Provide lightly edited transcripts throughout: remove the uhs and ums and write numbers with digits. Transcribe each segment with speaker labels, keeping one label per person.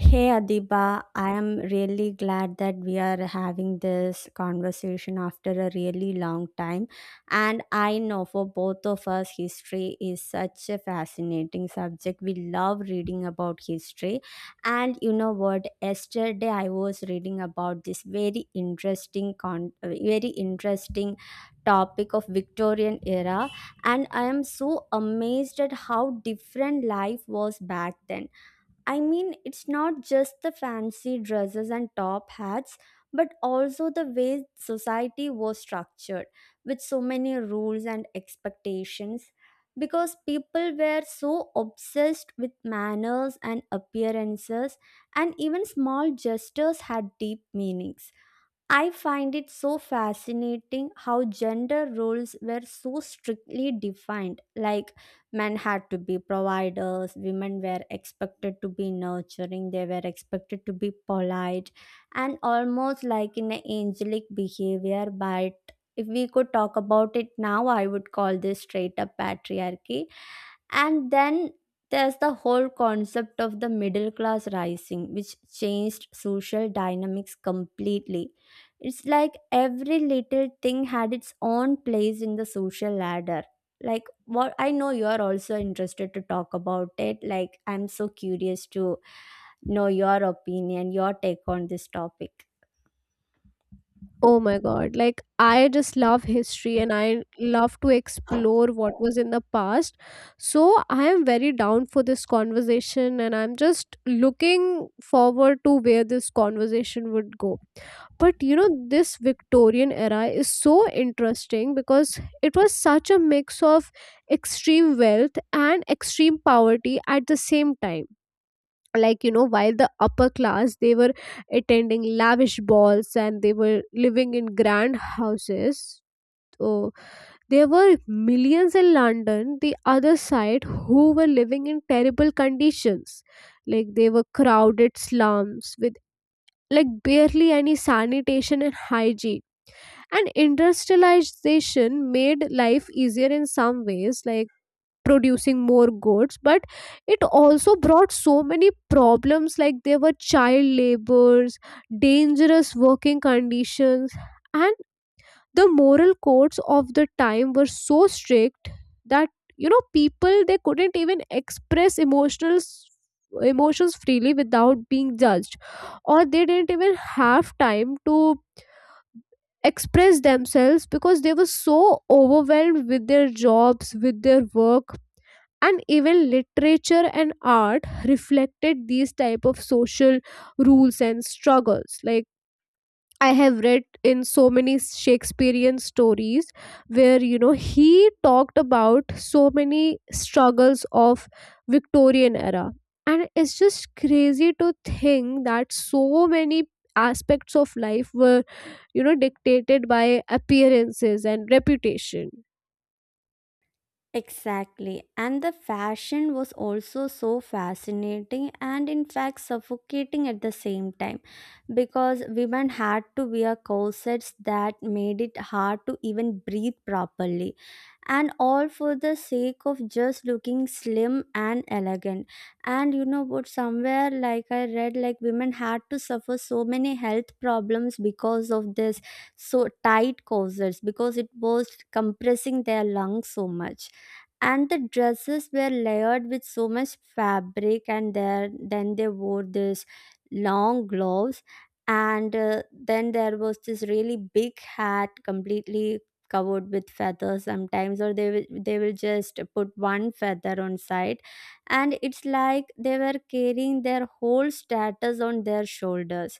Speaker 1: Hey Adiba, I am really glad that we are having this conversation after a really long time. And I know for both of us, history is such a fascinating subject. We love reading about history. And you know what? Yesterday, I was reading about this very interesting, very interesting topic of Victorian era, and I am so amazed at how different life was back then. I mean, it's not just the fancy dresses and top hats, but also the way society was structured with so many rules and expectations. Because people were so obsessed with manners and appearances, and even small gestures had deep meanings. I find it so fascinating how gender roles were so strictly defined. Like, men had to be providers, women were expected to be nurturing, they were expected to be polite, and almost like in an angelic behavior. But if we could talk about it now, I would call this straight up patriarchy. And then there's the whole concept of the middle class rising, which changed social dynamics completely. It's like every little thing had its own place in the social ladder. Like, what I know you're also interested to talk about it. Like, I'm so curious to know your opinion, your take on this topic.
Speaker 2: Oh my God. Like, I just love history and I love to explore what was in the past. So, I am very down for this conversation and I'm just looking forward to where this conversation would go. But you know, this Victorian era is so interesting because it was such a mix of extreme wealth and extreme poverty at the same time. Like, you know, while the upper class, they were attending lavish balls and they were living in grand houses, so there were millions in London, the other side, who were living in terrible conditions, like they were crowded slums with like barely any sanitation and hygiene. And industrialization made life easier in some ways, like producing more goods, but it also brought so many problems, like there were child labors, dangerous working conditions, and the moral codes of the time were so strict that, you know, people they couldn't even express emotional emotions freely without being judged, or they didn't even have time to express themselves because they were so overwhelmed with their jobs, with their work. And even literature and art reflected these type of social rules and struggles, like I have read in so many Shakespearean stories where, you know, he talked about so many struggles of Victorian era. And it's just crazy to think that so many aspects of life were, you know, dictated by appearances and reputation.
Speaker 1: Exactly. And the fashion was also so fascinating and, in fact, suffocating at the same time because women had to wear corsets that made it hard to even breathe properly, and all for the sake of just looking slim and elegant. And you know what? Somewhere, like I read, like women had to suffer so many health problems because of this so tight corsets because it was compressing their lungs so much, and the dresses were layered with so much fabric and there then they wore this long gloves, and then there was this really big hat completely covered with feathers sometimes, or they will just put one feather on side, and it's like they were carrying their whole status on their shoulders.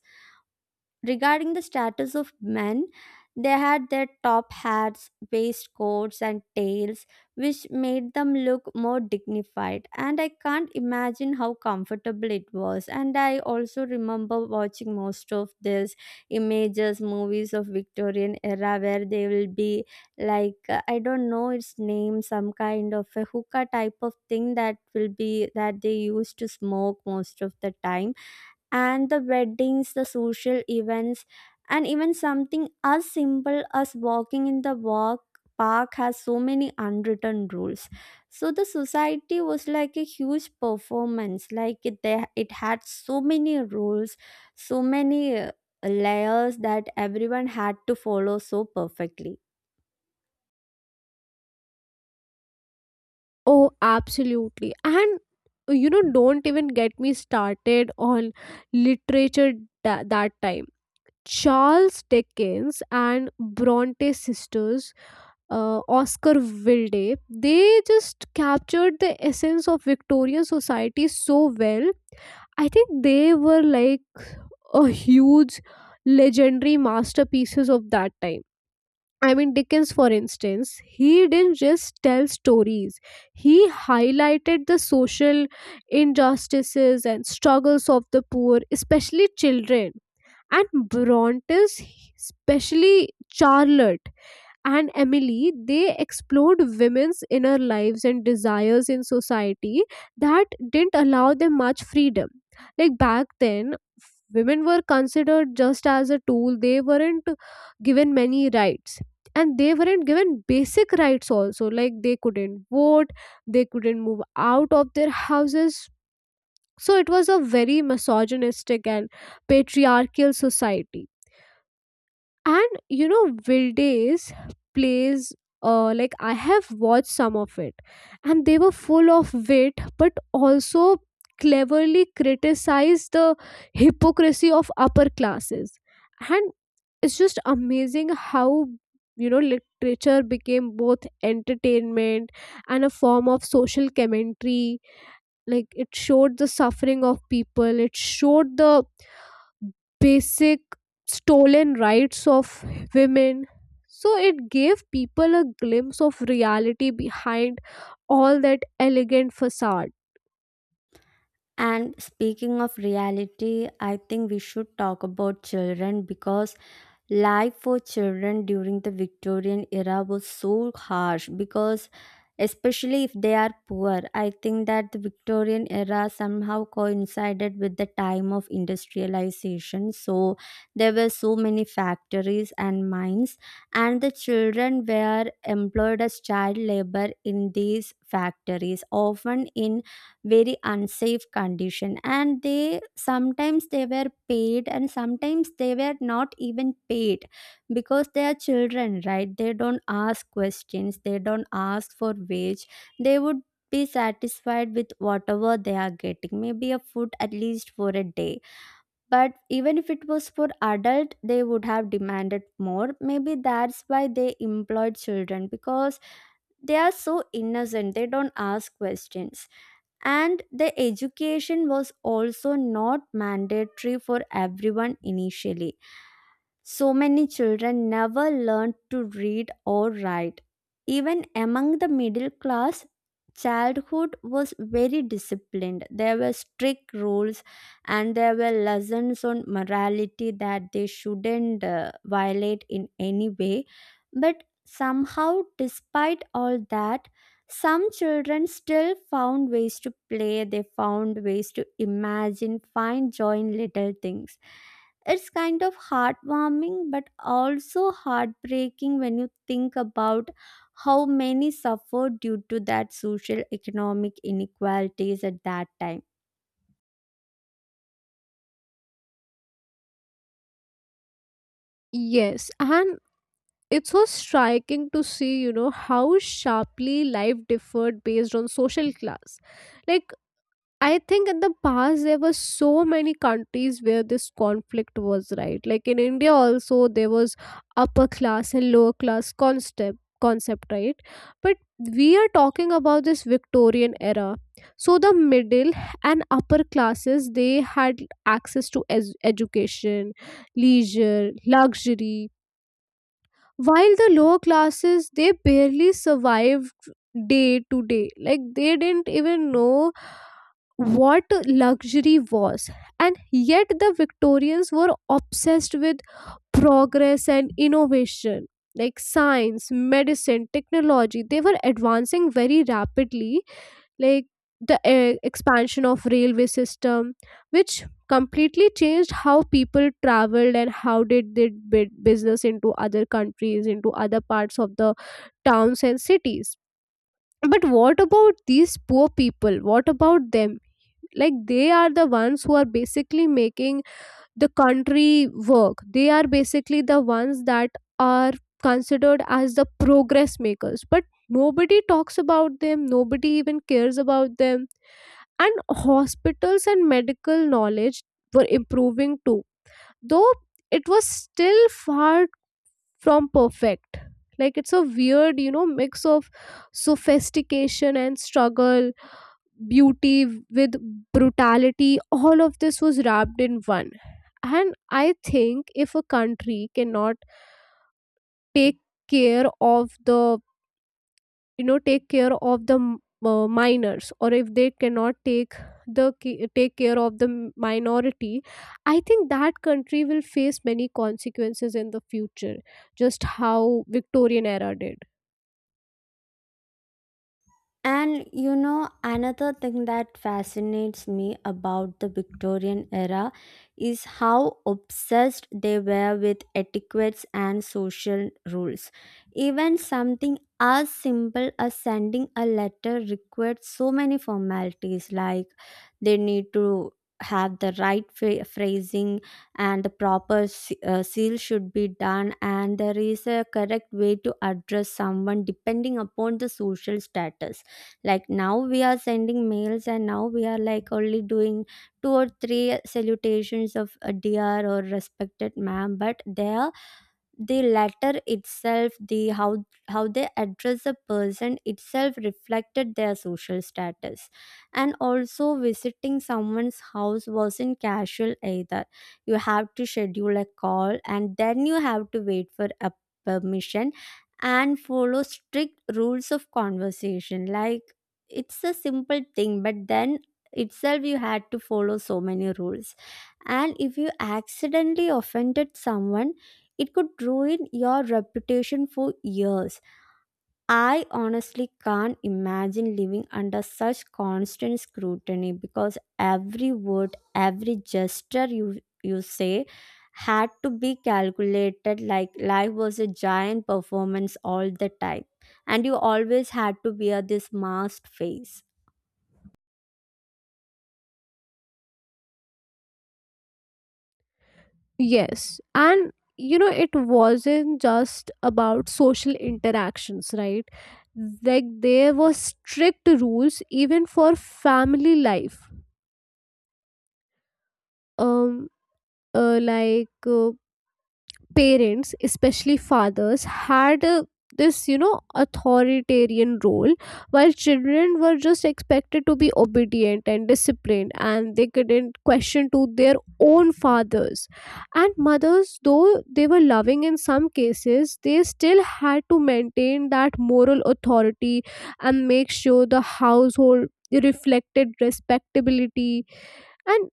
Speaker 1: Regarding the status of men, they had their top hats, waistcoats, and tails, which made them look more dignified. And I can't imagine how comfortable it was. And I also remember watching most of these images, movies of Victorian era, where they will be like, I don't know its name, some kind of a hookah type of thing that will be that they used to smoke most of the time, and the weddings, the social events, and even something as simple as walking in the walk park has so many unwritten rules. So the society was like a huge performance. Like it, they, it had so many rules, so many layers that everyone had to follow so perfectly.
Speaker 2: Oh, absolutely. And you know, don't even get me started on literature that time. Charles Dickens and Bronte sisters, Oscar Wilde, they just captured the essence of Victorian society so well. I think they were like a huge legendary masterpieces of that time. I mean, Dickens, for instance, he didn't just tell stories, he highlighted the social injustices and struggles of the poor, especially children. And Bronte's, especially Charlotte and Emily, they explored women's inner lives and desires in society that didn't allow them much freedom. Like back then, women were considered just as a tool, they weren't given many rights, and they weren't given basic rights also, like they couldn't vote, they couldn't move out of their houses, so it was a very misogynistic and patriarchal society. And you know, Vildays plays, like I have watched some of it, and they were full of wit but also cleverly criticized the hypocrisy of upper classes. And it's just amazing how, you know, literature became both entertainment and a form of social commentary, like it showed the suffering of people, it showed the basic stolen rights of women. So it gave people a glimpse of reality behind all that elegant facade.
Speaker 1: And speaking of reality, I think we should talk about children because life for children during the Victorian era was so harsh because, especially if they are poor, I think that the Victorian era somehow coincided with the time of industrialization. So, there were so many factories and mines, and the children were employed as child labor in these factories, often in very unsafe condition, and they sometimes they were paid and sometimes they were not even paid because they are children, right? They don't ask questions, they don't ask for wage, they would be satisfied with whatever they are getting, maybe a food at least for a day. But even if it was for adult they would have demanded more. Maybe that's why they employed children, because they are so innocent, they don't ask questions. And the education was also not mandatory for everyone initially, so many children never learned to read or write. Even among the middle class, childhood was very disciplined. There were strict rules, and there were lessons on morality that they shouldn't violate in any way. But somehow, despite all that, some children still found ways to play, they found ways to imagine, find joy in little things. It's kind of heartwarming but also heartbreaking when you think about how many suffered due to that social economic inequalities at that time.
Speaker 2: Yes, and it's so striking to see, you know, how sharply life differed based on social class. Like I think in the past there were so many countries where this conflict was right. Like in India also there was upper class and lower class concept, right? But we are talking about this Victorian era. So the middle and upper classes they had access to education, leisure, luxury, while the lower classes they barely survived day to day. Like they didn't even know what luxury was. And yet, the Victorians were obsessed with progress and innovation, like science, medicine, technology. They were advancing very rapidly, like the expansion of railway system, which completely changed how people traveled and how did they did business into other countries, into other parts of the towns and cities. But what about these poor people? What about them? Like, they are the ones who are basically making the country work, they are basically the ones that are considered as the progress makers, but nobody talks about them, nobody even cares about them. And hospitals and medical knowledge were improving too, though it was still far from perfect. Like, it's a weird, you know, mix of sophistication and struggle, beauty with brutality, all of this was wrapped in one. And I think if a country cannot take care of the, you know, take care of the minors, or if they cannot take care of the minority, I think that country will face many consequences in the future, just how Victorian era did.
Speaker 1: And you know, another thing that fascinates me about the Victorian era is how obsessed they were with etiquettes and social rules. Even something as simple as sending a letter required so many formalities, like they need to have the right phrasing, and the proper seal should be done, and there is a correct way to address someone depending upon the social status. Like now we are sending mails, and now we are like only doing two or three salutations of a dear or respected ma'am, but there the letter itself, the how they address a person itself reflected their social status. And also visiting someone's house wasn't casual either. You have to schedule a call, and then you have to wait for a permission, and follow strict rules of conversation. Like it's a simple thing, but then itself you had to follow so many rules, and if you accidentally offended someone, it could ruin your reputation for years. I honestly can't imagine living under such constant scrutiny, because every word, every gesture you say had to be calculated. Like life was a giant performance all the time. And you always had to wear this masked face.
Speaker 2: Yes. And you know, it wasn't just about social interactions, right? Like there were strict rules even for family life. Um, like, parents especially fathers had this, you know, authoritarian role, while children were just expected to be obedient and disciplined and they couldn't question to their own fathers and mothers, though they were loving in some cases, they still had to maintain that moral authority and make sure the household reflected respectability. And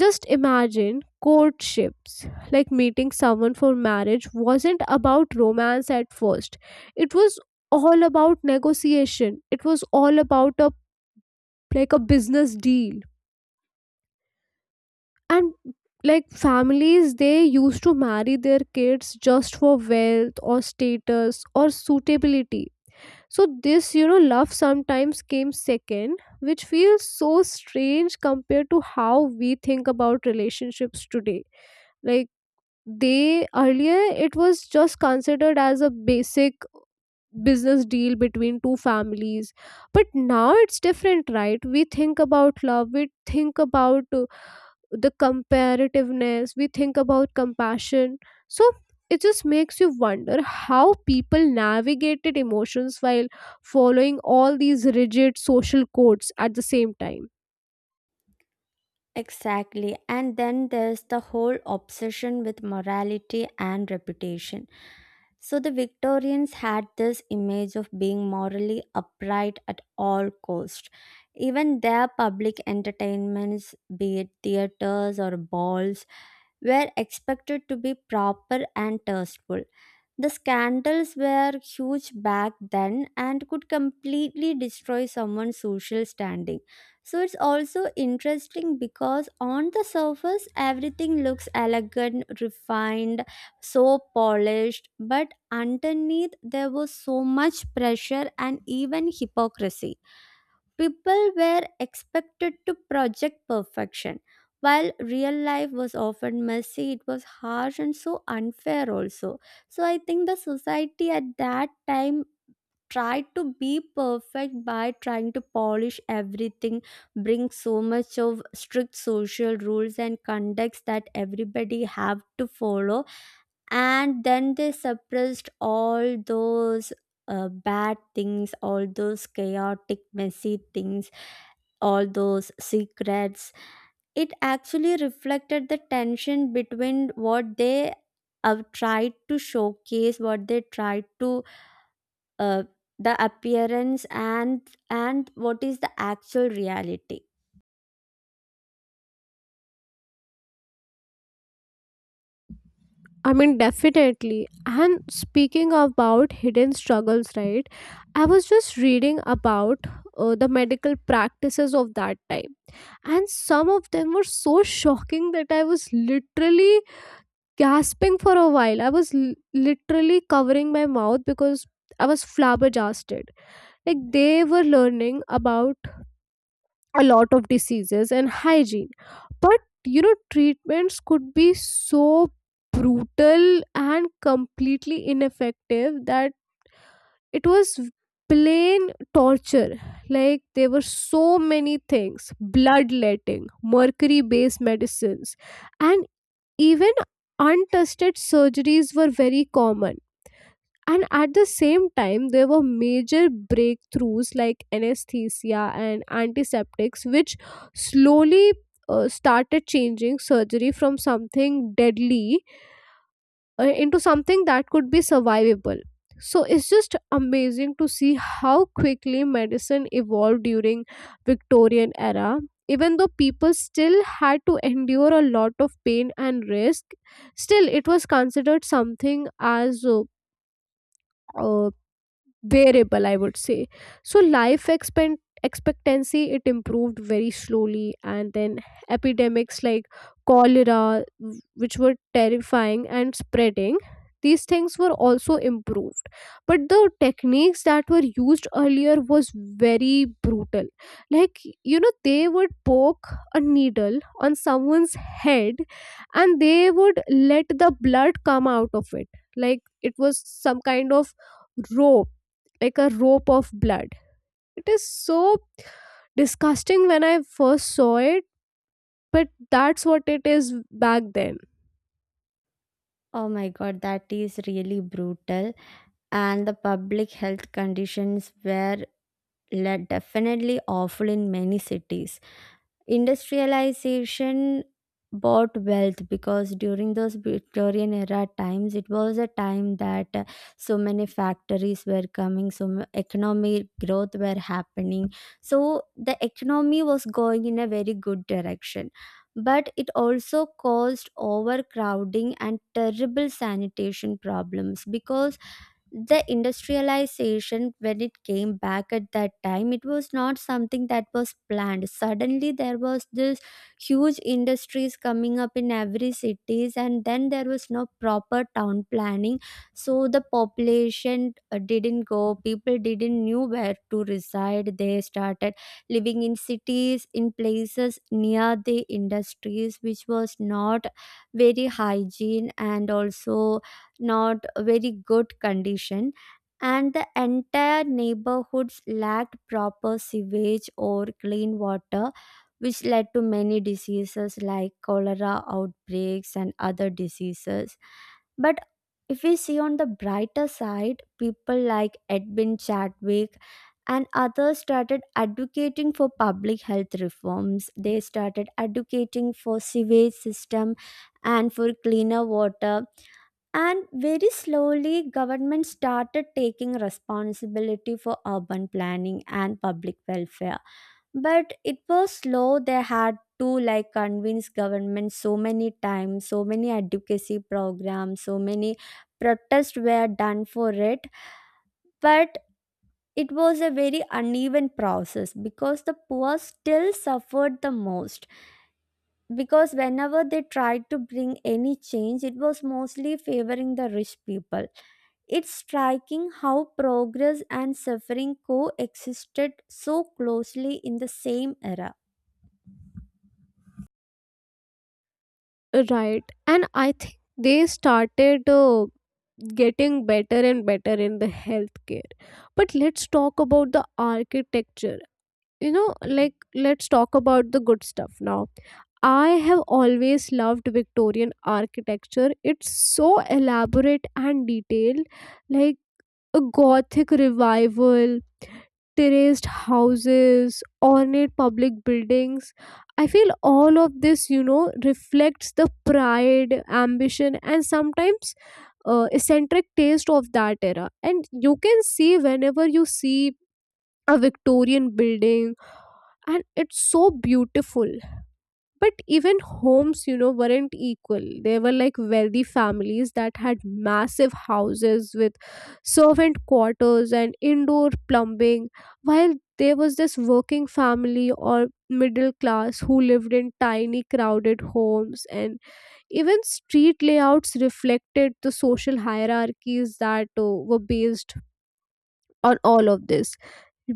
Speaker 2: just imagine courtships. Like meeting someone for marriage wasn't about romance at first. It was all about negotiation. It was all about a like a business deal. And like families they used to marry their kids just for wealth or status or suitability. So this, you know, love sometimes came second, which feels so strange compared to how we think about relationships today. Like, they earlier, it was just considered as a basic business deal between two families, but now it's different, right? We think about love, we think about the comparativeness, we think about compassion. So it just makes you wonder how people navigated emotions while following all these rigid social codes at the same time.
Speaker 1: Exactly. And then there's the whole obsession with morality and reputation. So the Victorians had this image of being morally upright at all cost. Even their public entertainments, be it theaters or balls, were expected to be proper and tasteful. The scandals were huge back then and could completely destroy someone's social standing. So it's also interesting because on the surface everything looks elegant, refined, so polished, but underneath there was so much pressure and even hypocrisy. People were expected to project perfection, while real life was often messy, it was harsh and so unfair, also. So, I think the society at that time tried to be perfect by trying to polish everything, bring so much of strict social rules and conducts that everybody have to follow. And then they suppressed all those bad things, all those chaotic, messy things, all those secrets. It actually reflected the tension between what they have tried to showcase, what they tried to uh, the appearance and what is the actual reality.
Speaker 2: I mean, definitely. And speaking about hidden struggles, right? I was just reading about the medical practices of that time, and some of them were so shocking that I was literally gasping for a while. I was literally covering my mouth because I was flabbergasted. Like, they were learning about a lot of diseases and hygiene, but you know, treatments could be so brutal and completely ineffective that it was plain torture. Like there were so many things, bloodletting, mercury based medicines, and even untested surgeries were very common. And at the same time there were major breakthroughs like anesthesia and antiseptics, which slowly started changing surgery from something deadly into something that could be survivable. So it's just amazing to see how quickly medicine evolved during Victorian era, even though people still had to endure a lot of pain and risk, still it was considered something as uh, bearable, I would say. So life expectancy it improved very slowly, and then epidemics like cholera which were terrifying and spreading, these things were also improved, but the techniques that were used earlier was very brutal. Like, you know, they would poke a needle on someone's head and they would let the blood come out of it, like it was some kind of rope, like a rope of blood. It is so disgusting when I first saw it, but that's what it is back then.
Speaker 1: Oh my god, that is really brutal. And the public health conditions were definitely awful in many cities. Industrialization bought wealth because during those Victorian era times, it was a time that so many factories were coming, so economic growth were happening. So the economy was going in a very good direction. But it also caused overcrowding and terrible sanitation problems because the industrialization, when it came back at that time, it was not something that was planned. Suddenly there was this huge industries coming up in every cities, and then there was no proper town planning. So the population didn't go, people didn't knew where to reside, they started living in cities in places near the industries, which was not very hygiene and also not very good condition. And the entire neighborhoods lacked proper sewage or clean water, which led to many diseases like cholera outbreaks and other diseases. But if we see on the brighter side, people like Edwin Chadwick and others started advocating for public health reforms, they started advocating for sewage system and for cleaner water. And very slowly government started taking responsibility for urban planning and public welfare. But it was slow, they had to like convince government so many times, so many advocacy programs, so many protests were done for it. But it was a very uneven process because the poor still suffered the most, because whenever they tried to bring any change, it was mostly favoring the rich people. It's striking how progress and suffering coexisted so closely in the same era.
Speaker 2: Right. And I think they started getting better and better in the healthcare. But let's talk about the architecture. You know, like, let's talk about the good stuff now. I have always loved Victorian architecture. It's so elaborate and detailed, like a Gothic revival, terraced houses, ornate public buildings. I feel all of this, you know, reflects the pride, ambition, and sometimes eccentric taste of that era. And you can see whenever you see a Victorian building, and it's so beautiful, but even homes, you know, weren't equal, there were like wealthy families that had massive houses with servant quarters and indoor plumbing, while there was this working family or middle class who lived in tiny crowded homes, and even street layouts reflected the social hierarchies that were based on all of this,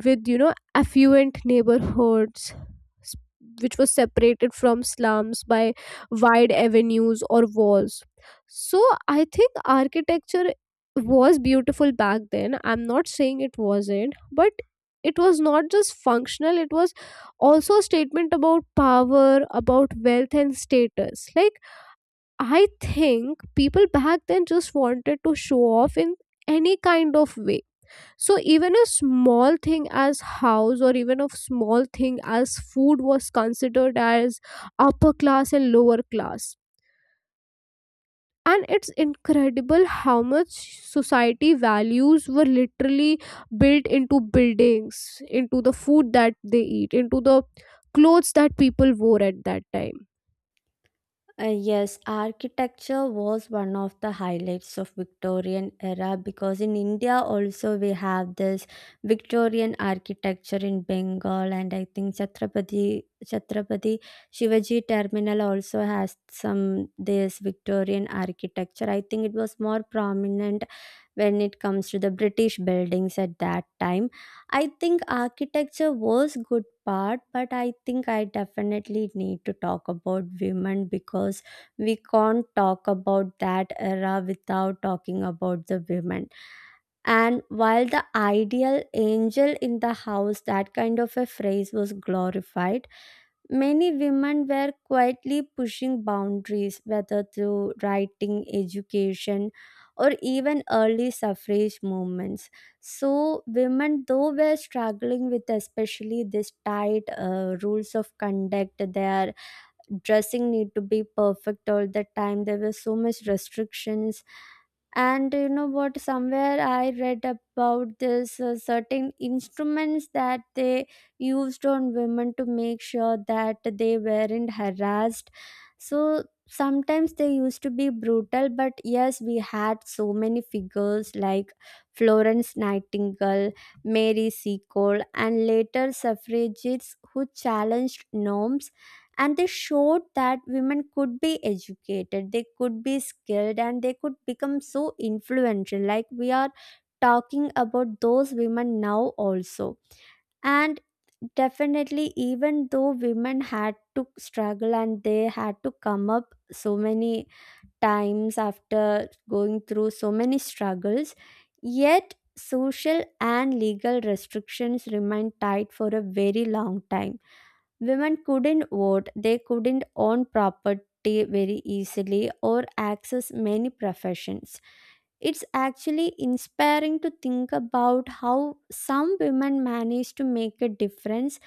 Speaker 2: with, you know, affluent neighborhoods, s- which was separated from slums by wide avenues or walls. So I think architecture was beautiful back then, I'm not saying it wasn't, but it was not just functional, it was also a statement about power, about wealth and status, like I think people back then just wanted to show off in any kind of way. So even a small thing as house, or even a small thing as food was considered as upper class and lower class. And it's incredible how much society values were literally built into buildings, into the food that they eat, into the clothes that people wore at that time.
Speaker 1: Yes, architecture was one of the highlights of Victorian era, because in India also we have this Victorian architecture in Bengal, and I think Chhatrapati Shivaji Terminal also has some this Victorian architecture. I think it was more prominent when it comes to the British buildings at that time. I think architecture was good part, but I think I definitely need to talk about women because we can't talk about that era without talking about the women. And while the ideal angel in the house, that kind of a phrase was glorified, many women were quietly pushing boundaries, whether through writing, education, or even early suffrage movements. So, women, though, were struggling with especially this tight rules of conduct, their dressing need to be perfect all the time. There were so much restrictions. And you know what, somewhere I read about this certain instruments that they used on women to make sure that they weren't harassed. So sometimes they used to be brutal. But yes, we had so many figures like Florence Nightingale, Mary Seacole, and later suffragettes who challenged norms, and they showed that women could be educated, they could be skilled, and they could become so influential, like we are talking about those women now also. And definitely, even though women had to struggle and they had to come up so many times after going through so many struggles, yet social and legal restrictions remained tight for a very long time. Women couldn't vote, they couldn't own property very easily or access many professions. It's actually inspiring to think about how some women managed to make a difference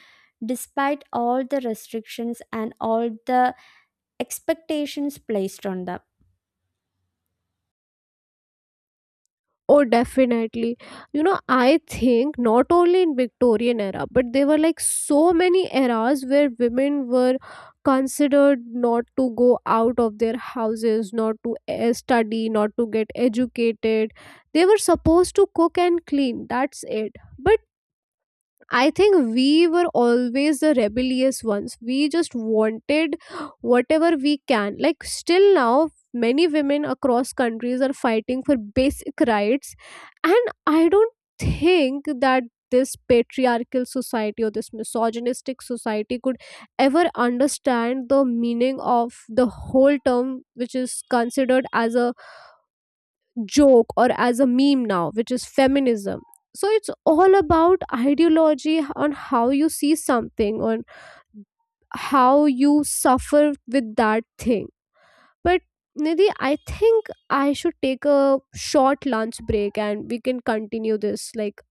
Speaker 1: despite all the restrictions and all the expectations placed on them.
Speaker 2: Oh, definitely. You know, I think not only in Victorian era, but there were like so many eras where women were considered not to go out of their houses, not to study, not to get educated. They were supposed to cook and clean. That's it. But I think we were always the rebellious ones. We just wanted whatever we can. Like still now, many women across countries are fighting for basic rights, and I don't think that this patriarchal society or this misogynistic society could ever understand the meaning of the whole term, which is considered as a joke or as a meme now, which is feminism. So it's all about ideology, on how you see something, on how you suffer with that thing. But Nidhi, I think I should take a short lunch break and we can continue this. Like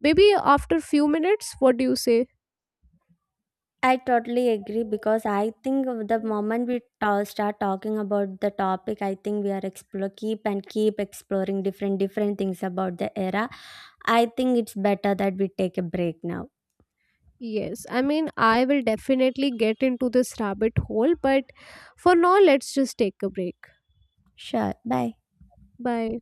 Speaker 2: maybe after few minutes, what do you say?
Speaker 1: I totally agree, because I think the moment we start talking about the topic, I think we are explore keep and keep exploring different different things about the era. I think it's better that we take a break now.
Speaker 2: Yes, I mean, I will definitely get into this rabbit hole, but for now, let's just take a break.
Speaker 1: Sure. Bye.
Speaker 2: Bye.